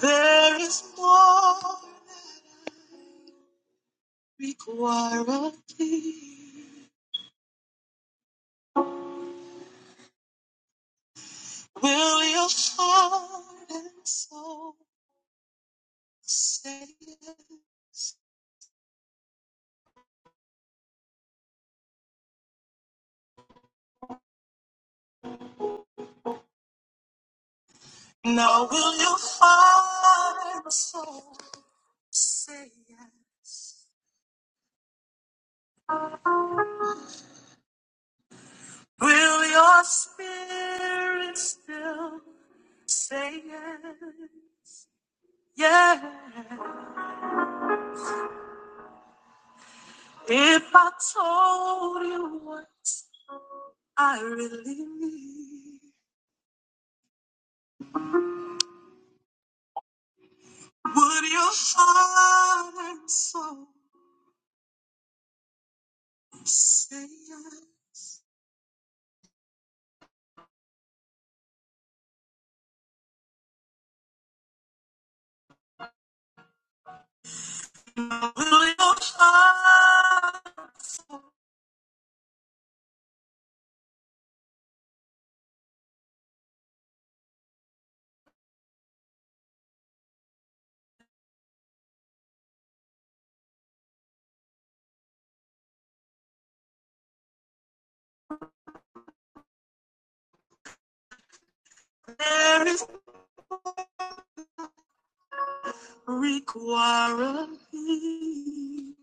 There is more required of thee. Will your heart and soul say it? Now will your heart and soul say yes? Will your spirit still say yes? Yeah. If I told you what I really need. Would your heart and soul say yes? Will your heart there is require of thee?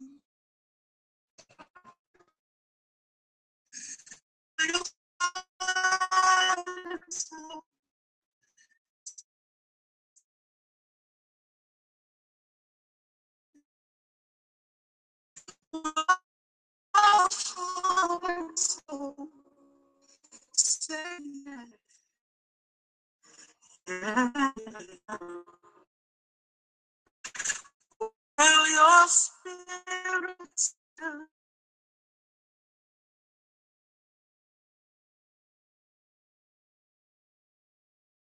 Will your heart and soul, will your heart and soul say yes? Will your spirit say,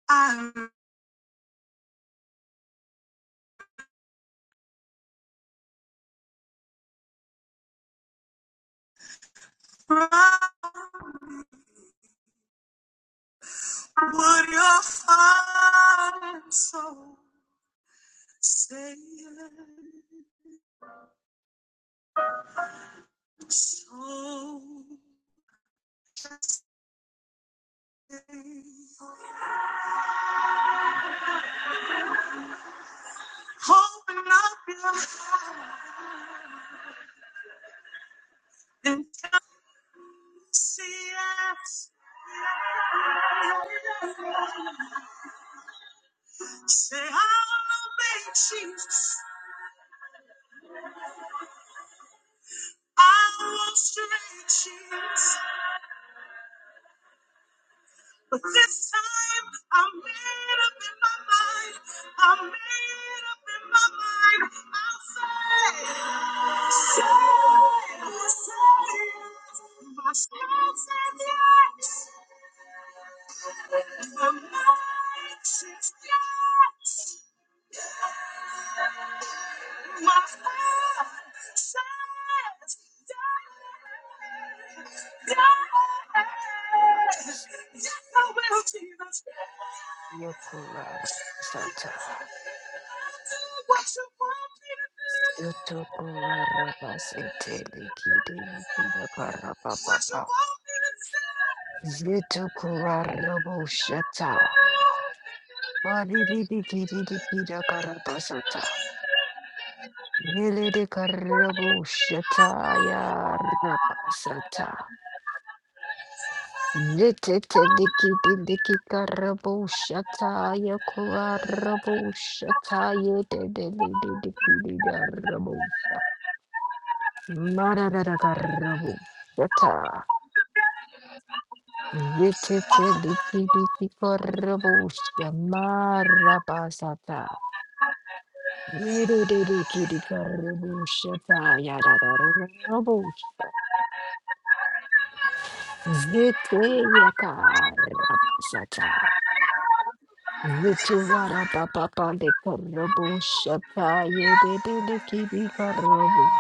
I pray? Would your fire so stay so Open up your and come see us. Say, I will obey Jesus. I will stretch Jesus. But this time, I am made up in my mind. I am made up in my mind. I'll say. Rabasi, Yokulara Sata, Yotukulara Basi, Teliki, Deliki, Dakarapapa, Zitukurara Boshata, Badidiki, Diki, Dakarapasata, Yelidikarabushata, Yarapasata. Ziteteliki, Diliki, Karabushata, Yokurarabushata, Yedeliki, Darabusha. Marararagarabo. Shata. Vitete liki liki garabo. Shamarabasata. Rididiki garabo. Shata. Yaragarabo. Zete yakarabasata. Viturarababa de garabo. Shata. Yedede liki garabo.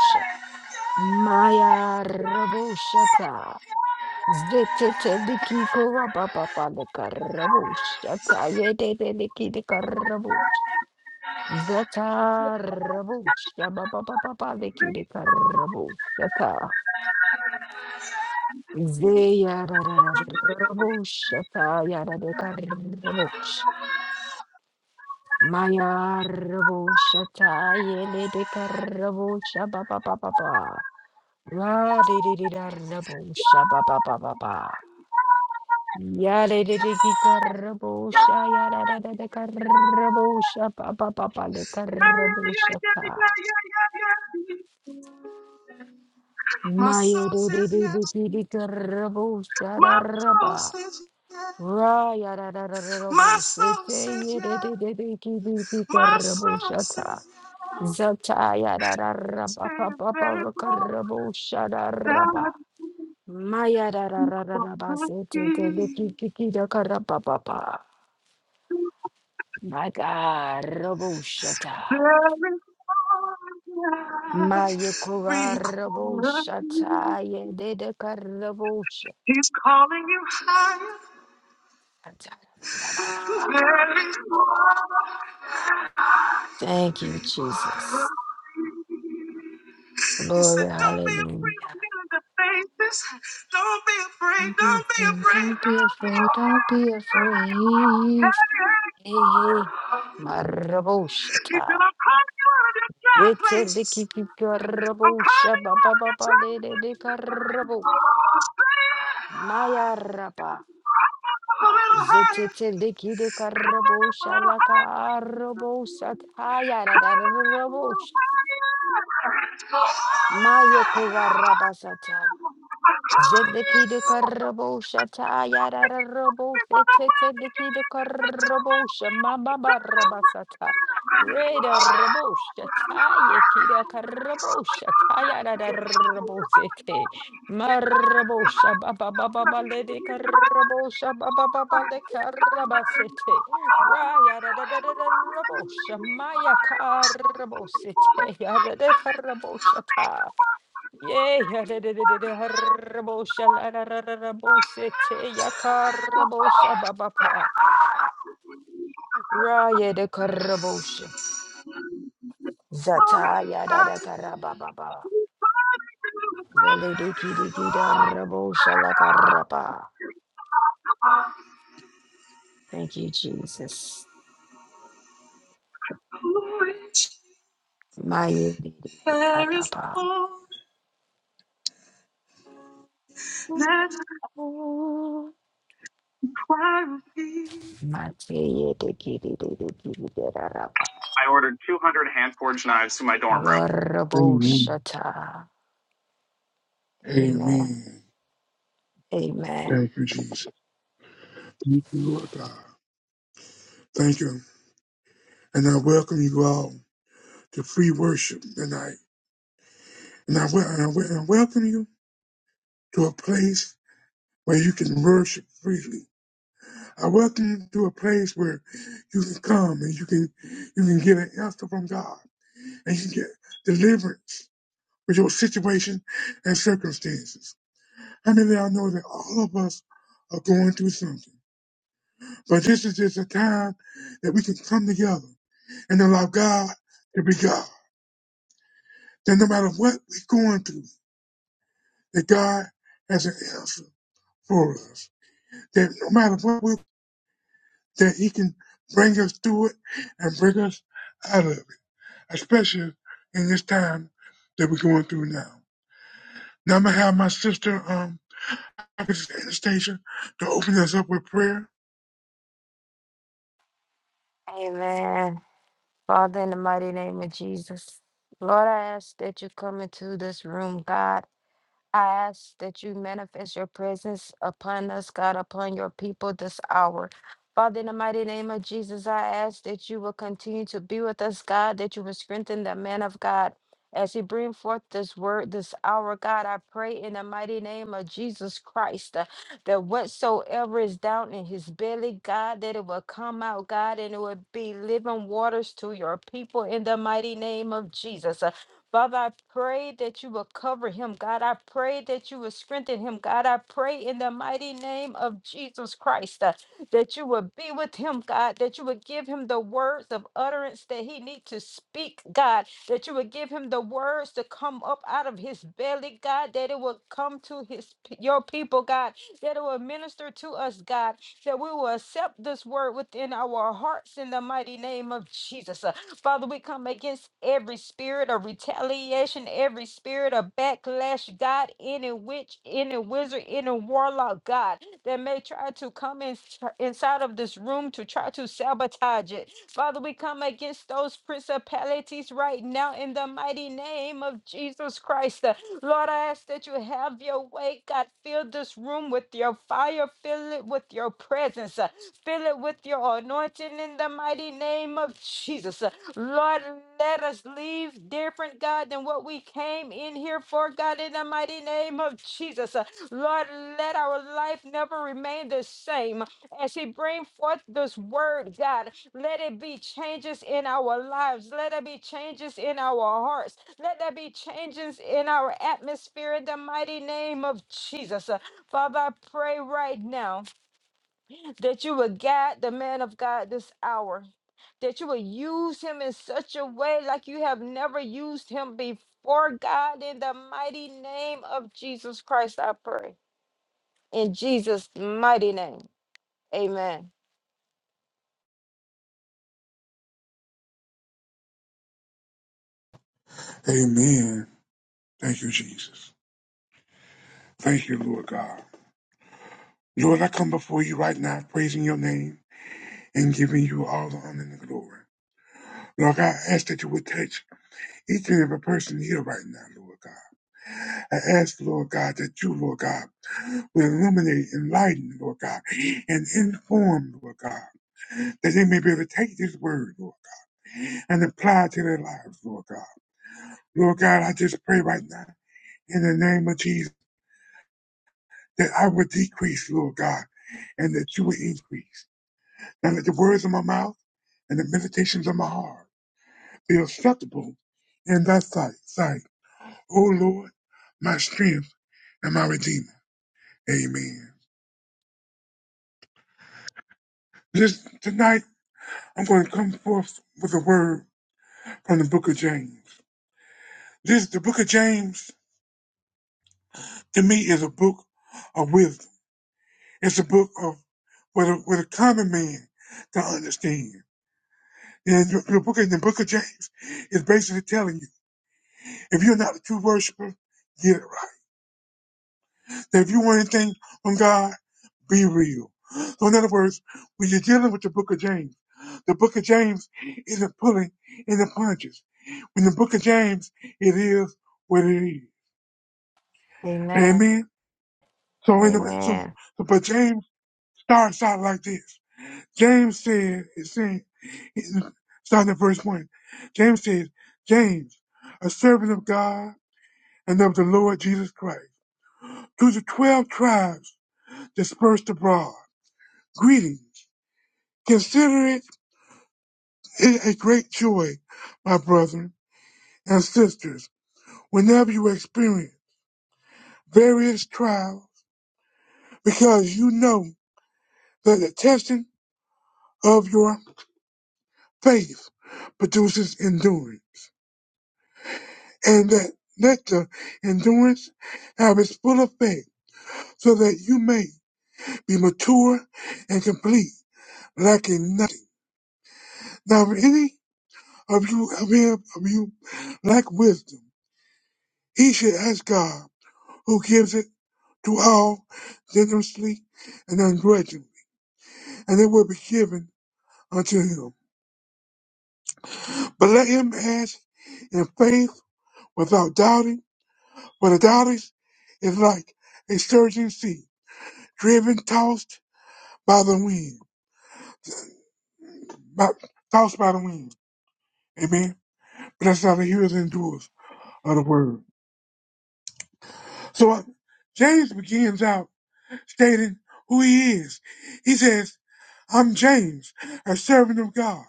Maya rabo. Shata. Zeteteliki kora papa pale karabush. Zata yede deliki de karabush. Zata rabush. Yaba papa papa leki de karabush. Zata. Zeya rabush. Zata yara de karabush. Maya rabush. Zata yele de karabush. Yaba papa papa. Ra di di di da rabush. Yaba papa papa. Yarereki karabosha, yarararara karabosha, pa pa pa pa de karabosha ta. My soul says yes. Mayerereki karabosha My soul raraba. says yes. Ra My yararararabosha soul te says yes. yerereki My soul karabosha ta. says Zata yes. yarararaba pa pa There pa is more karabosha raraba. that for the Mayararararabase te te de key. kiki da karababa. My God, Raboshata. There is more that Maya Kora requires. me. Raboshata. Yedeka Raboshata. He's calling you higher. There is more. Thank you, Jesus. He said, Glory, Don't be afraid of hallelujah. men in the faces. Don't be afraid. Don't be Don't be afraid, afraid. don't be Don't be afraid, don't afraid. be Hey. afraid. Hey, hey. hey. He said, Maraboshata. I'm calling you out of your dry places. Rabo I'm calling you Shaba out of Baba your dry Bale places. de Straight Carabo Maya Rapa. up a little higher. Zetetelikide Coming up a karabosha little la higher. karabosa tayara Come da on up, higher, rabosh. higher, higher, higher. Mayo kurarabasata. I Zedeki need de to Karabosha Tayada feel Robose before the Tete world Biki de begins. To Karabosha Mamba feel, Barabasata Reda to Rabosha feel, Tayeki de to feel. Karabosha Tayada Robosete Marabosha Baba Baba Bale de Karabosha Baba Baba de Karabasete Raya da da da da da Rabosha Maya Karabosete Yada de Karabosha Yay, harabosha la la la la babapa. Raya de karabosha. Zata ya da da karababa. Really diki diki da rabosha la karaba. Thank you, Jesus. My There is karaba. more than a choir of thee. Mate ye diki diki diki da raba. I ordered 200 hand forged knives to my dorm room. Amen. Raraboshata. Amen. Amen. Amen. Thank you, Jesus. Thank you, Lord God. Thank you. And I welcome you all to free worship tonight. And I, wel- and I, wel- and I welcome you to a place where you can worship freely. I welcome you to a place where you can come and you can you can get an answer from God and you can get deliverance with your situation and circumstances. I mean, I know that all of us are going through something. But this is just a time that we can come together and allow God to be God. That no matter what we're going through, that God has an answer for us. That no matter what we that He can bring us through it and bring us out of it. Especially in this time that we're going through now. Now I'm gonna have my sister um Anastasia to open us up with prayer. Amen. Father, in the mighty name of Jesus, Lord, I ask that you come into this room, God. I ask that you manifest your presence upon us, God, upon your people this hour. Father, in the mighty name of Jesus, I ask that you will continue to be with us, God, that you will strengthen the man of God. As he bring forth this word this hour, God, I pray in the mighty name of Jesus Christ uh, that whatsoever is down in his belly, God, that it will come out, God, and it will be living waters to your people in the mighty name of Jesus. Father, I pray that you will cover him. God, I pray that you will strengthen him. God, I pray in the mighty name of Jesus Christ uh, that you will be with him, God, that you would give him the words of utterance that he needs to speak, God, that you would give him the words to come up out of his belly, God, that it will come to his your people, God, that it will minister to us, God, that we will accept this word within our hearts in the mighty name of Jesus. Uh, Father, we come against every spirit of retaliation, every spirit of backlash, God, any witch, any wizard, any warlock, God, that may try to come in, inside of this room to try to sabotage it. Father, we come against those principalities right now in the mighty name of Jesus Christ. Lord, I ask that you have your way. God, fill this room with your fire, fill it with your presence, uh, fill it with your anointing in the mighty name of Jesus. Lord, let us leave different, God, than what we came in here for, God, in the mighty name of Jesus. Uh, Lord, let our life never remain the same. As He bring forth this word, God, let it be changes in our lives. Let it be changes in our hearts. Let there be changes in our atmosphere in the mighty name of Jesus. Uh, Father, I pray right now that you would guide the man of God this hour that you will use him in such a way like you have never used him before, God, in the mighty name of Jesus Christ, I pray. In Jesus' mighty name, amen. Amen. Thank you, Jesus. Thank you, Lord God. Lord, I come before you right now, praising your name and giving you all the honor and the glory. Lord, God, I ask that you would touch each and every person here right now, Lord God. I ask, Lord God, that you, Lord God, will illuminate, enlighten, Lord God, and inform, Lord God, that they may be able to take this word, Lord, and apply it to their lives, Lord God. Lord God, I just pray right now in the name of Jesus that I would decrease, Lord God, and that you would increase. And let the words of my mouth and the meditations of my heart be acceptable in thy sight. sight. O Lord, my strength and my redeemer. Amen. This tonight I'm going to come forth with a word from the book of James. This the book of James to me is a book of wisdom. It's a book of what a, what a common man can understand. And the the book in the book of James is basically telling you if you're not a true worshiper, get it right. If you want anything from God, be real. So in other words, when you're dealing with the book of James, the book of James isn't pulling in the punches. In the book of James, it is what it is. Amen. Amen. So in the, so, Amen. so but James starts out like this. James said, it said, it- starting at verse one, James says, James, a servant of God and of the Lord Jesus Christ, to the twelve tribes dispersed abroad, greetings. Consider it a great joy, my brethren and sisters, whenever you experience various trials, because you know that the testing of your faith produces endurance, and that let the endurance have its full effect, so that you may be mature and complete, lacking nothing. Now, if any of you, of any of you lack wisdom, he should ask God, who gives it to all generously and ungrudgingly, and it will be given unto him. But let him ask in faith without doubting, for the doubting is like a surging sea, driven, tossed by the wind, by, tossed by the wind. Amen. But that's how the hearers and doers of the word. So uh, James begins out stating who he is. He says, I'm James, a servant of God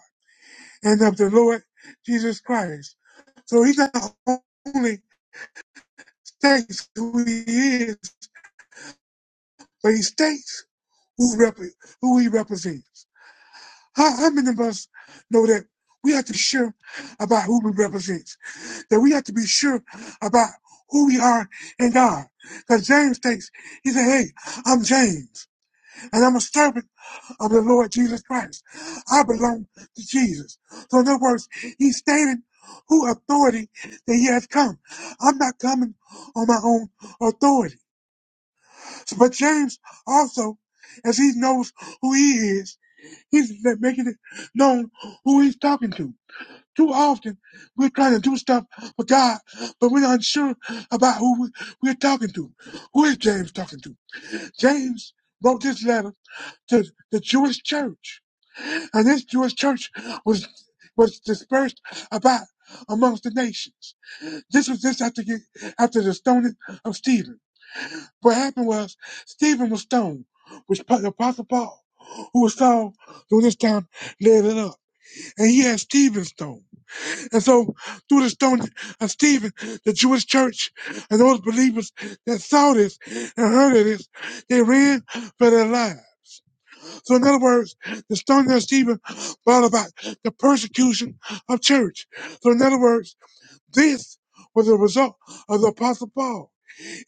and of the Lord Jesus Christ. So he not only states who he is, but he states who, rep- who he represents. How, how many of us know that we have to be sure about who we represent? That we have to be sure about who we are in God. Because James states, he said, hey, I'm James. and I'm a servant of the Lord Jesus Christ. I belong to Jesus. So in other words, he's stating who authority that he has come. I'm not coming on my own authority. So, but James also, as he knows who he is, he's le- making it known who he's talking to. Too often, we're trying to do stuff for God, but we're not sure about who we- we're talking to. Who is James talking to? James wrote this letter to the Jewish church. And this Jewish church was was dispersed about amongst the nations. This was just after you- after the stoning of Stephen. What happened was Stephen was stoned, which the Apostle Paul, who was Saul during this time, led it up. And he had Stephen stoned. And so through the stoning of Stephen, the Jewish church and those believers that saw this and heard of this, they ran for their lives. So in other words, the stoning of Stephen brought about the persecution of church. So in other words, this was a result of the Apostle Paul.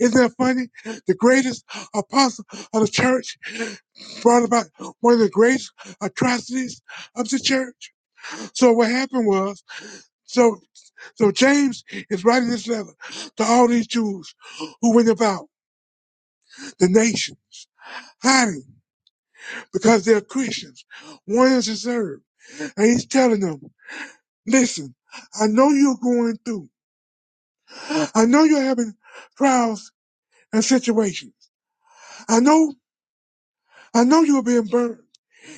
Isn't that funny? The greatest apostle of the church brought about one of the greatest atrocities of the church. So what happened was, so so James is writing this letter to all these Jews who went about the nations hiding because they're Christians, wanting to serve. And he's telling them. Listen, I know you're going through. I know you're having trials and situations. I know, I know you're being burned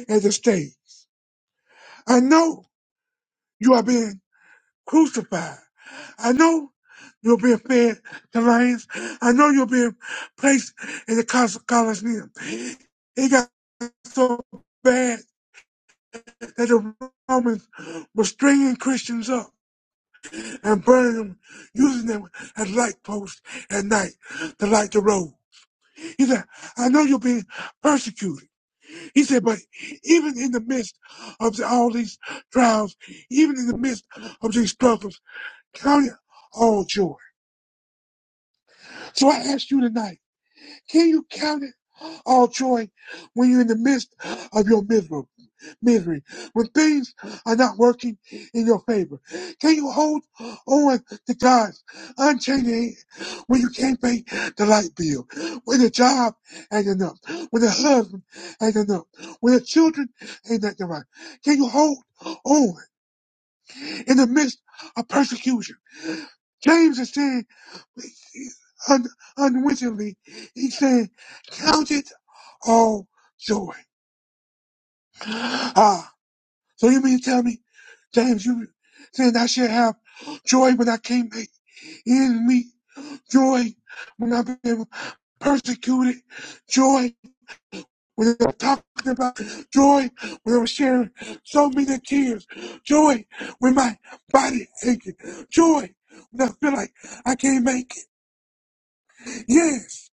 at the stakes. I know you are being crucified. I know you're being fed to lions. I know you're being placed in the col- Colosseum. It got so bad that the Romans were stringing Christians up and burning them, using them as light posts at night to light the road. He said, I know you're being persecuted. He said, but even in the midst of the, all these trials, even in the midst of these struggles, count it all joy. So I ask you tonight, can you count it all joy when you're in the midst of your misery? misery, when things are not working in your favor? Can you hold on to God's unchanging hand when you can't pay the light bill, when the job ain't enough, when the husband ain't enough, when the children ain't nothing right? Can you hold on in the midst of persecution? James is saying, un- unwittingly, he's saying, count it all joy. Ah, So you mean to tell me, James, you saying I should have joy when I can't make ends meet, joy when I've been persecuted, joy when I'm talking about, joy when I'm sharing so many tears, joy when my body aching, joy when I feel like I can't make it. Yes,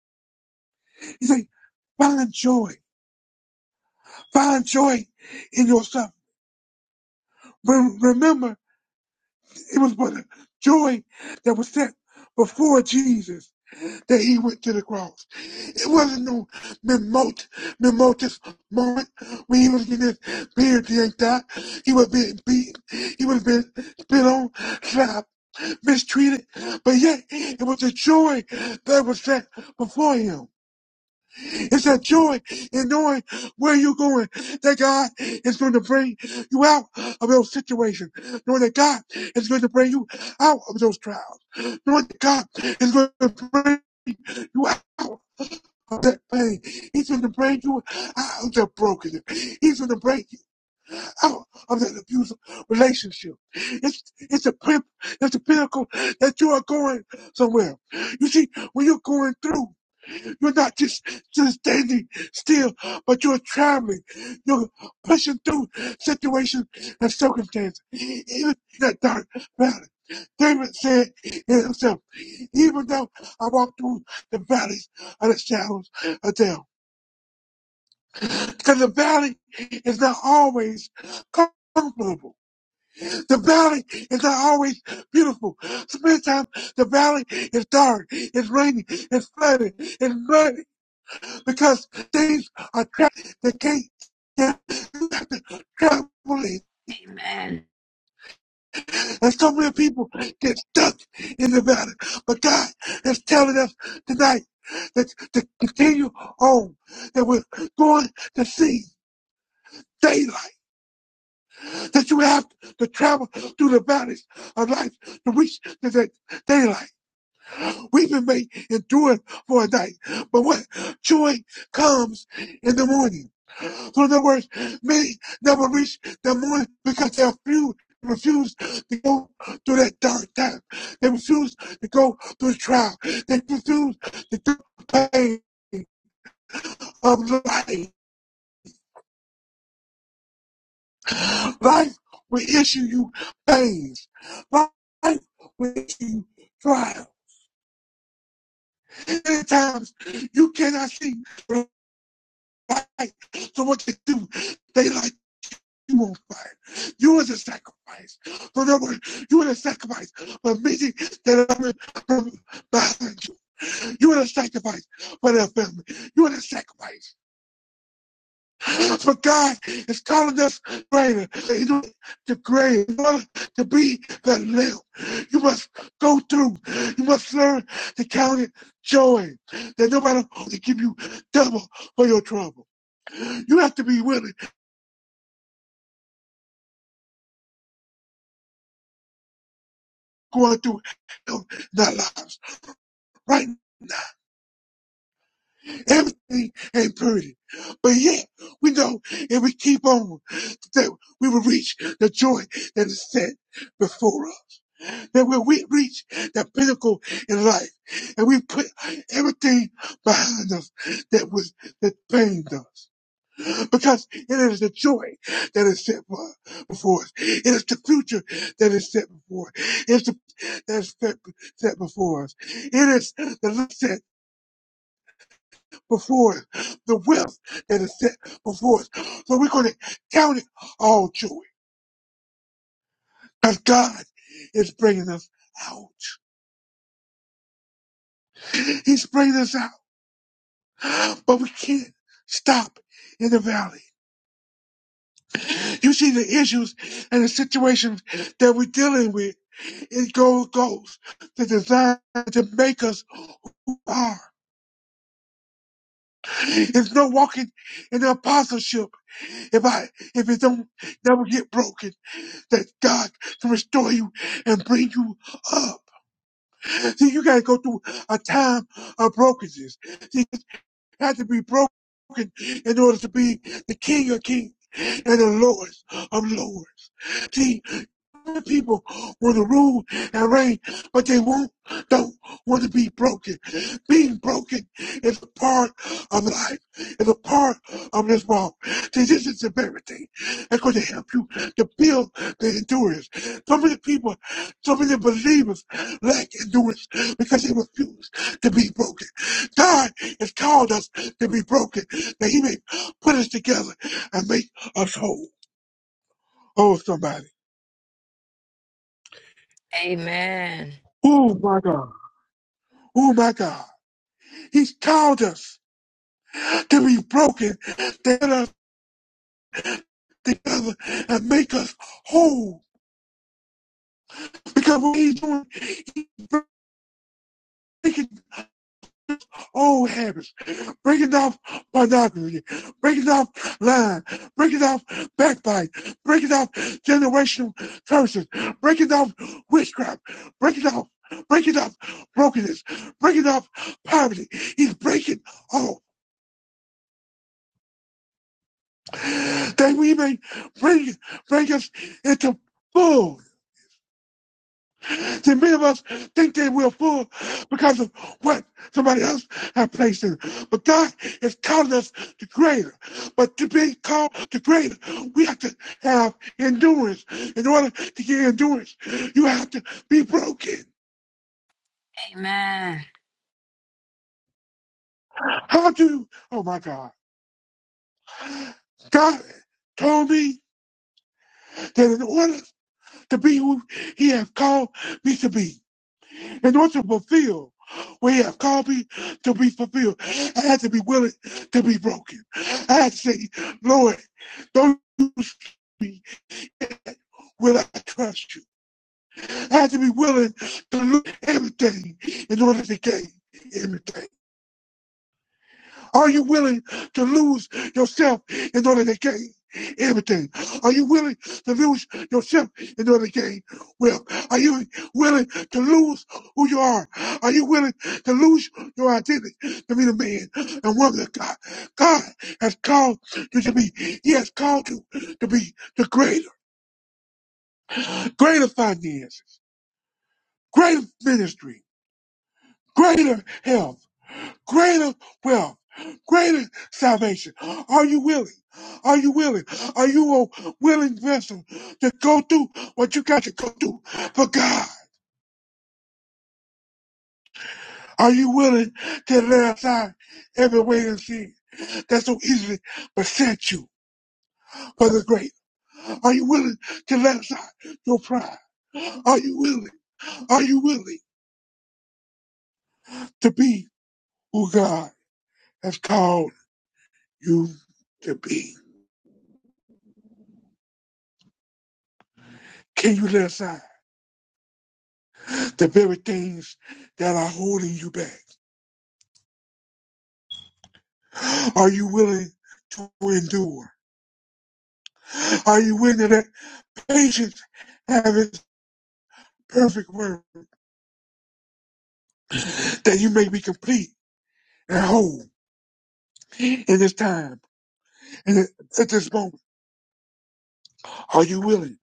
you say, find joy, find joy in yourself. Re- remember It was for the joy that was set before Jesus that he went to the cross. It wasn't no memot, memotous moment when he was getting his beard yanked out. He was being beaten. He was being spit on, slapped, mistreated. But yet, it was the joy that was set before him. It's that joy in knowing where you're going, that God is going to bring you out of those situations, knowing that God is going to bring you out of those trials, knowing that God is going to bring you out. Of that pain. He's going to bring you out of that brokenness. He's going to bring you out of that abusive relationship. It's it's a pimp. It's a pinnacle that you are going somewhere. You see, when you're going through. You're not just, just standing still, but you're traveling. You're pushing through situations and circumstances. Even that dark valley. David said in himself, even though I walk through the valleys of the shadows of death. Because the valley is not always comfortable. The valley is not always beautiful. Sometimes the valley is dark, it's rainy, it's flooded, it's muddy, because things are trapped. They can't. Yeah, you have to travel it. Amen. And so many people get stuck in the valley. But God is telling us tonight that to continue on, that we're going to see daylight, that you have to travel through the valleys of life to reach the day- daylight. Weeping may endure for a night, but what joy comes in the morning. So in other words, many never reach the morning because they are few They refuse to go through that dark time. They refuse to go through the trial. They refuse to go through the pain of life. Life will issue you pains. Life will issue you trial. Many times you cannot see. the sacrifice. So what they do, they like you on fire. You was a sacrifice. Remember, you were a sacrifice for many that are from behind you. You were the sacrifice for their family. You were the sacrifice. But God is calling us greater. He's doing the great in order to be the little. You must go through. You must learn to count it joy. That nobody matter give you double for your trouble. You have to be willing. going through hell in their lives. Right? now, Everything ain't pretty. But yet, we know if we keep on, that we will reach the joy that is set before us. That when we reach that pinnacle in life, and we put everything behind us that was that pained us because it is the joy that is set before us. It is the future that is set before us. It is the that is set, set before us. It is the life set before us, the wealth that is set before us. So we're going to count it all joy because God is bringing us out. He's bringing us out, but we can't stop in the valley. You see the issues and the situations that we're dealing with. It goes goes to design to make us who we are. There's no walking in the apostleship if I if it don't never get broken. That God can restore you and bring you up. See, you gotta go through a time of brokenness. See, you have to be broken in order to be the King of Kings and the Lord of Lords. See. The people want to rule and reign, but they won't, don't want to be broken. Being broken is a part of life, is a part of this walk. See, this is the very thing that's going to help you to build the endurance. So many people, so many believers lack endurance because they refuse to be broken. God has called us to be broken, that He may put us together and make us whole. Oh, somebody. Amen. Oh, my God. Oh my God. He's called us to be broken, to get us together and make us whole. Because what he's doing, he's breaking old habits, breaking off pornography, breaking off lying, breaking off backbite, breaking off generational curses, breaking off witchcraft, breaking off, breaking off brokenness, breaking off poverty. He's breaking all. that we may bring, bring us into full. See, many of us think that we're full because of what somebody else has placed in. us. But God is calling us to greater. But to be called to greater, we have to have endurance. In order to get endurance, you have to be broken. Amen. How do, oh my God. God told me that in order to be who he has called me to be, in order to fulfill what he has called me to be fulfilled. I had to be willing to be broken. I had to say, Lord, don't use me will I trust you. I had to be willing to lose everything in order to gain everything. Are you willing to lose yourself in order to gain everything? Are you willing to lose yourself in order to gain wealth? Are you willing to lose who you are? Are you willing to lose your identity to be the man and woman of God? God has called you to be. He has called you to be the greater, greater finances, greater ministry, greater health greater wealth, greater salvation. Are you willing? Are you willing? Are you a willing vessel to go through what you got to go through for God? Are you willing to lay aside every way and sin that so easily beset you for the great? Are you willing to lay aside your pride? Are you willing? Are you willing to be who God has called you to be? Can you lay aside? the very things that are holding you back. Are you willing to endure? Are you willing to let patience have its perfect work that you may be complete and whole in this time and at this moment? Are you willing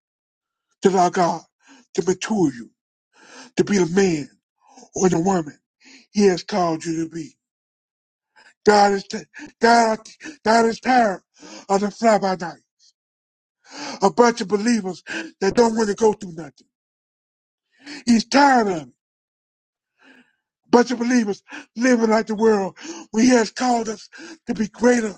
to allow God to mature you to be the man or the woman He has called you to be? God is t- God, God is tired of the fly by night, a bunch of believers that don't want to go through nothing. He's tired of it. bunch of believers living like the world when he has called us to be greater.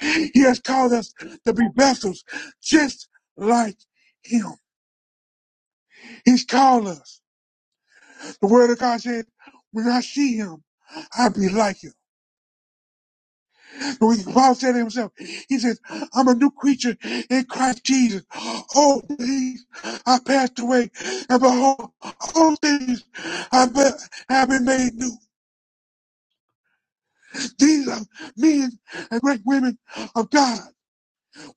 He has called us to be vessels just like him. He's called us. The word of God said, when I see him, I'll be like him. But when Paul said to himself, he says, I'm a new creature in Christ Jesus. All things I passed away, and behold, all things I have been made new. These are men and great women of God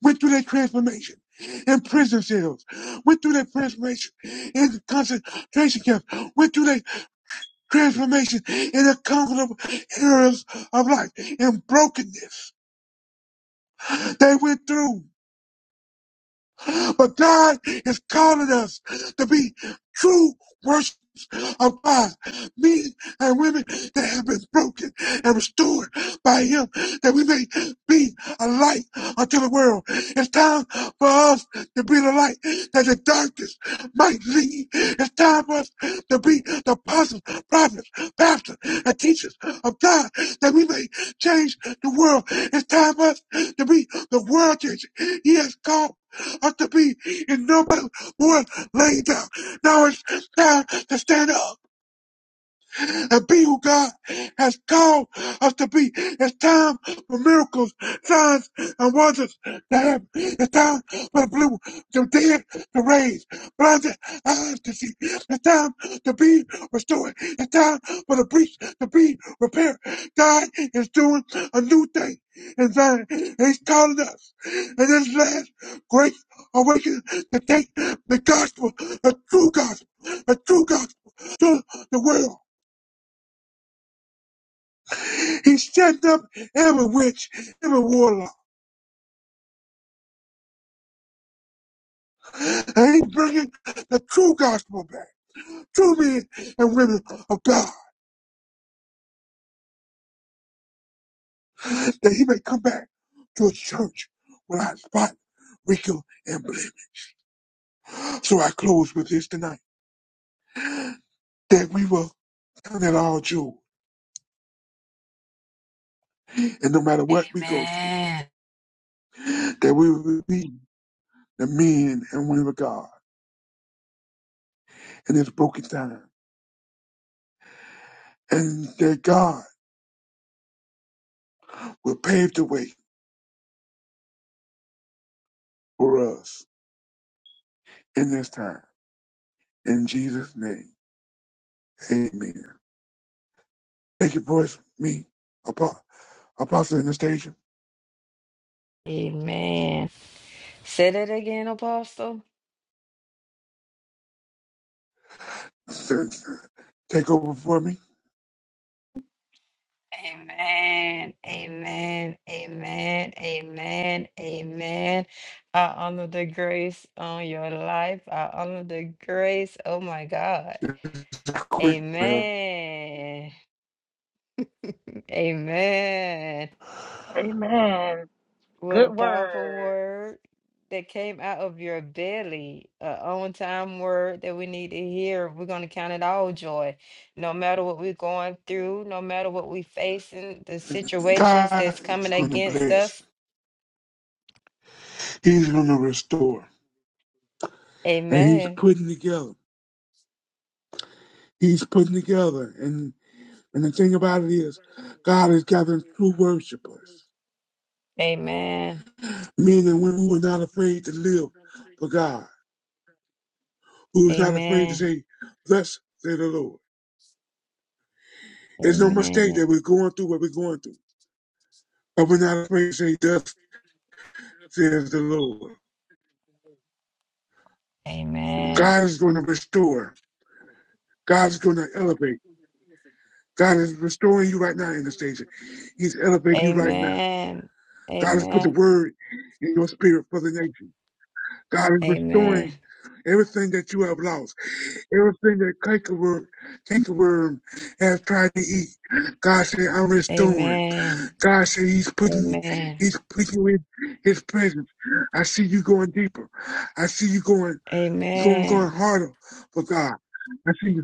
went through that transformation in prison cells, went through that transformation in concentration camps, went through that transformation in the comfortable areas of life and brokenness. They went through. But God is calling us to be true worshipers of God, men and women that have been broken and restored by Him, that we may be a light unto the world. It's time for us to be the light that the darkness might leave. It's time for us to be the apostles, prophets, pastors, and teachers of God, that we may change the world. It's time for us to be the world changers. He has called have to be in no more laying down. Now it's time to stand up and be who God has called us to be. It's time for miracles, signs, and wonders to happen. It's time for the blue, the dead to raise, blinded eyes to see. It's time to be restored. It's time for the breach to be repaired. God is doing a new thing in Zion. He's calling us in this last great awakening to take the gospel, the true gospel, the true gospel to the world. He set up every witch, every warlock. And he's bringing the true gospel back. True men and women of God. That he may come back to a church without spot, wrinkle, and blemish. So I close with this tonight. That we will count it all joy. And no matter what we go through, Amen. that we will be the men and women of God in this broken time. And that God will pave the way for us in this time. In Jesus' name, amen. Thank you, boys. Me, Apo- Apostle Anastasia, Amen. Say that again, Apostle. sir, take over for me. Amen. Amen. Amen. Amen. Amen. I honor the grace on your life. I honor the grace. Oh my God. Quick prayer. Amen. Amen. Amen. What a Good powerful word. word that came out of your belly. A on time word that we need to hear. We're going to count it all joy. No matter what we're going through, no matter what we're facing, the situations God that's is coming going to against us bless. He's going to restore, and He's Amen. putting together. He's putting together, and and the thing about it is, God is gathering true worshipers, Amen. men and women who are not afraid to live for God, who is not afraid to Amen. say, "Thus say the Lord." It's no mistake Amen. that we're going through what we're going through, but we're not afraid to say, "Thus says the Lord." Amen. God is going to restore. God is going to elevate. God is restoring you right now, Anastasia. He's elevating you right now. Amen. God has put the Amen. word in your spirit for the nation. God is restoring Amen. everything that you have lost, everything that cankerworm, cankerworm has tried to eat. God said, I'm restoring. Amen. God said He's putting Amen. He's putting you in His presence. I see you going deeper. I see you going. It's going, going Amen. harder for God. I see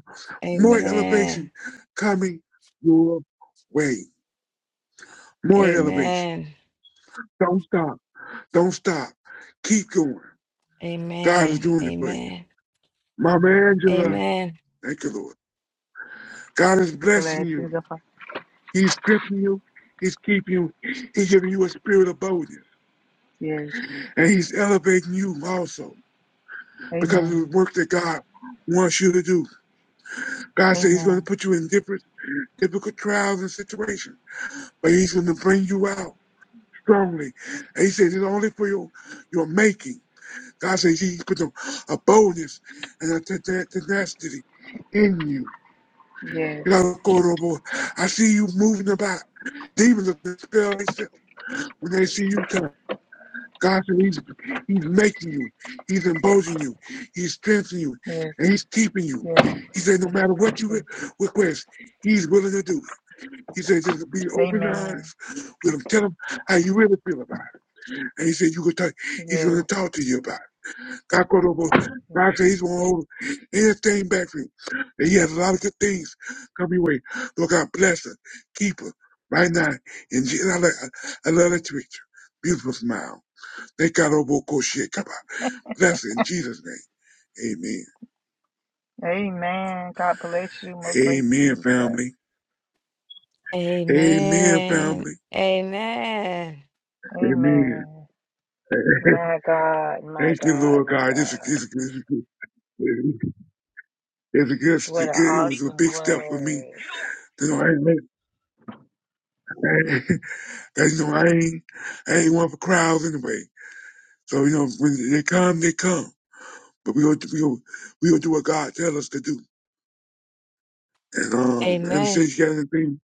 more elevation Amen. coming your way. More elevation. Amen. Don't stop. Don't stop. Keep going. God is Amen. doing it for you. Amen. Mama Angela, Amen. thank you, Lord. God is blessing Blessings you. upon. He's strengthening you. He's keeping you. He's giving you a spirit of boldness. Yes. And he's elevating you also because of the Amen. work that God wants you to do. God said he's going to Amen. put you in different difficult trials and situations. but he's going to bring you out strongly. And he says it's only for your, your making. God says he puts a, a boldness and a te- tenacity in you. Yes. You know, Cordobo, I see you moving about. Demons are dispelled themselves when they see you come. God says he's, he's making you. He's emboldening you. He's strengthening you. Yes. And he's keeping you. Yes. He said, no matter what you Yes. request, he's willing to do it. He said, just be open and Amen. honest with him. Tell him how you really feel about And he said, you could talk, he's going Yes. to talk to you about it. God, called over, yes. God said he's going to hold everything back for you. And he has a lot of good things coming your way. Lord God, bless her, keep her right now. And Je- I, like- I love that picture. Beautiful smile. Thank God, Obo Koshekaba. Bless her in Jesus' name. Amen. Amen. God bless you. More grace to Amen, you, sir. family. Amen, Amen. family. Amen. Amen. Amen. My God, my Thank you, God, Lord my God. This is, God. this is, this is, it's a good, it's a What an good, it was a awesome big step for me. word. You know, That's you know I ain't, I ain't one for crowds anyway. So you know, when they come, they come. But we gonna, we gonna, we gonna do what God tell us to do. And um, and say Amen. you got anything,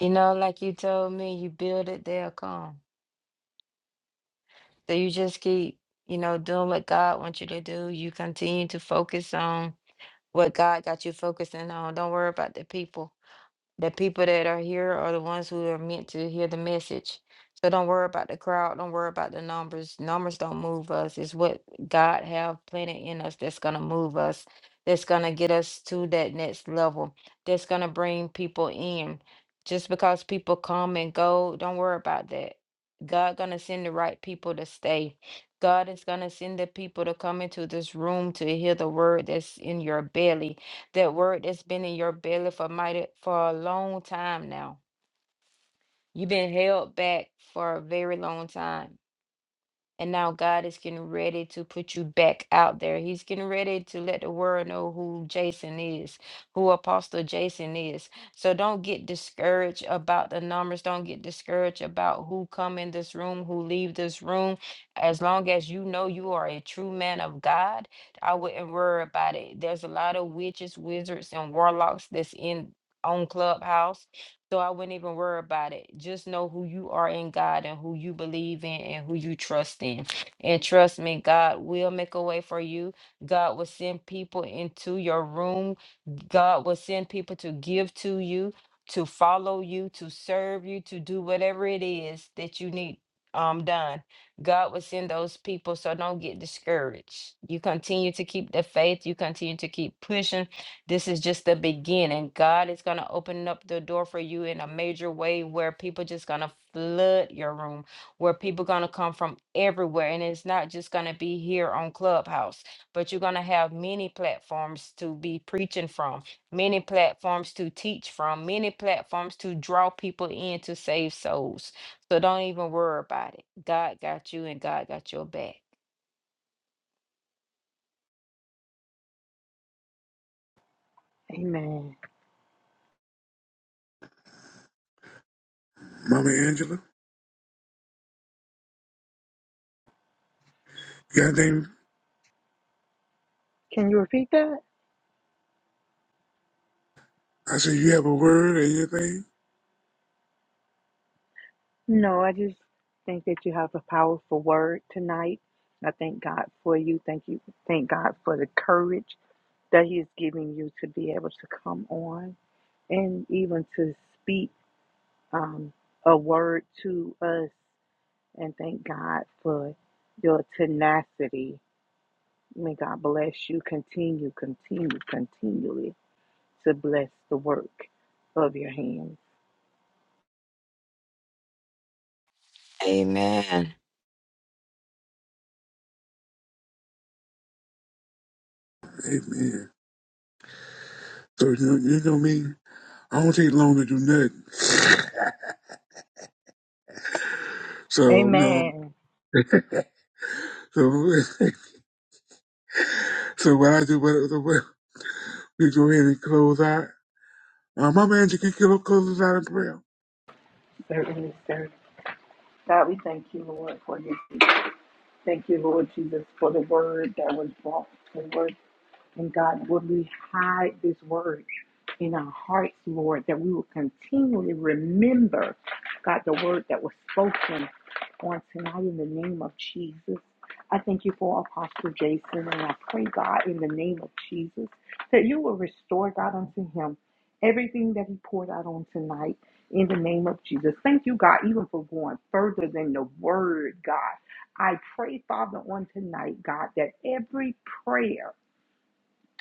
You know, like you told me, you build it, they'll come. So you just keep, you know, doing what God wants you to do. You continue to focus on what God got you focusing on. Don't worry about the people. The people that are here are the ones who are meant to hear the message. So don't worry about the crowd. Don't worry about the numbers. Numbers don't move us. It's what God have planted in us that's gonna move us. That's gonna get us to that next level. That's gonna bring people in. Just because people come and go, don't worry about that. God gonna send the right people to stay. God is gonna send the people to come into this room to hear the word that's in your belly that word that's been in your belly for mighty for a long time now. You've been held back for a very long time. And now God is getting ready to put you back out there. He's getting ready to let the world know who Jason is, who Apostle Jason is. So don't get discouraged about the numbers. Don't get discouraged about who come in this room, who leave this room. As long as you know you are a true man of God, I wouldn't worry about it. There's a lot of witches, wizards, and warlocks that's in on Clubhouse so I wouldn't even worry about it. Just know who you are in God and who you believe in and who you trust in. And trust me, God will make a way for you. God will send people into your room. God will send people to give to you, to follow you, to serve you, to do whatever it is that you need um done. God will send those people. So don't get discouraged. You continue to keep the faith. You continue to keep pushing this is just the beginning. God is going to open up the door for you in a major way where people just going to flood your room, where people going to come from everywhere and it's not just going to be here on Clubhouse, but you're going to have many platforms to be preaching from, many platforms to teach from, many platforms to draw people in to save souls. So don't even worry about it. God got you and God got your back. Amen. Mama Angela? You got anything? Can you repeat that? I said you have a word or anything? No, I just think that you have a powerful word tonight. I thank God for you. Thank you. Thank God for the courage that He is giving you to be able to come on and even to speak um, a word to us. And thank God for your tenacity. May God bless you. Continue, continue, continually to bless the work of your hands. Amen. Amen. So you know, you know me. I don't take long to do nothing. So you know, Amen. so so what I do, what, what we go ahead and close out. Uh, Mama Angela, can you close us out in prayer? Certainly, sir. God, we thank you, Lord, for this. Thank you, Lord Jesus, for the word that was brought forth. And God, would we hide this word in our hearts, Lord, that we will continually remember, God, the word that was spoken on tonight in the name of Jesus. I thank you for Apostle Jason, and I pray, God, in the name of Jesus, that you will restore, God, unto him everything that he poured out on tonight in the name of Jesus. Thank you, God, even for going further than the word, God. I pray, Father, on tonight, God, that every prayer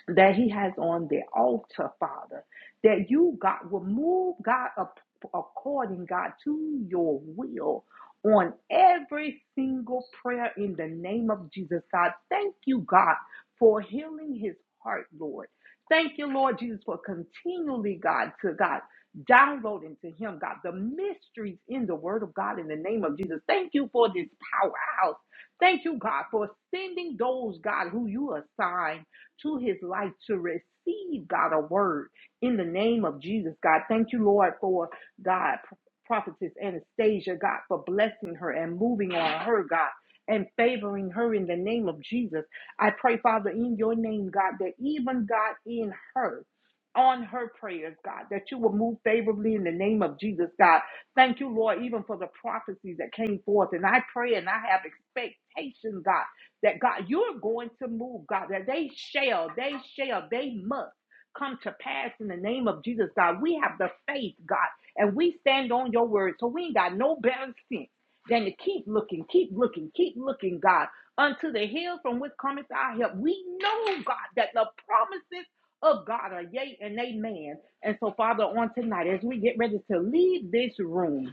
that he has on the altar, Father, that you, God, will move, God, up, according, God, to your will on every single prayer in the name of Jesus, God. Thank you, God, for healing his heart, Lord. Thank you, Lord Jesus, for continually, God, to God, downloading to him, God, the mysteries in the word of God in the name of Jesus. Thank you for this powerhouse. Thank you, God, for sending those, God, who you assign to his life to receive, God, a word in the name of Jesus, God. Thank you, Lord, for God, prophetess Anastasia, God, for blessing her and moving on her, God. And favoring her in the name of Jesus. I pray, Father, in your name, God, that even God in her, on her prayers, God, that you will move favorably in the name of Jesus, God. Thank you, Lord, even for the prophecies that came forth. And I pray and I have expectation, God that God, you're going to move, God, that they shall, they shall, they must come to pass in the name of Jesus, God. We have the faith, God, and we stand on your word. So we ain't got no better sense than to keep looking, keep looking, keep looking, God, unto the hill from which cometh our help. We know, God, that the promises of God are yea and amen. And so, Father, on tonight, as we get ready to leave this room,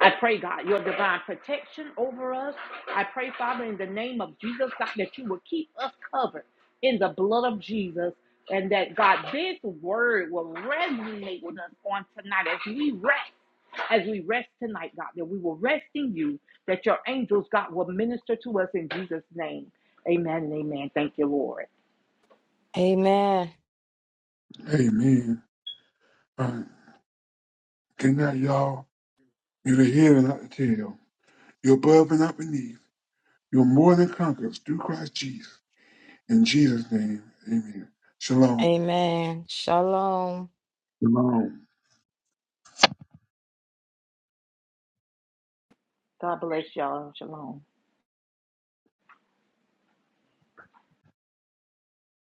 I pray, God, your divine protection over us. I pray, Father, in the name of Jesus, God, that you will keep us covered in the blood of Jesus. And that God, this word will resonate with us on tonight as we rest, as we rest tonight, God, that we will rest in you, that your angels, God, will minister to us in Jesus' name. Amen and amen. Thank you, Lord. Amen. Amen. Um, good night, y'all. You're the head and not the tail. You're above and not beneath. You're more than conquerors through Christ Jesus. In Jesus' name, amen. Shalom. Amen. Shalom. Shalom. God bless y'all. Shalom.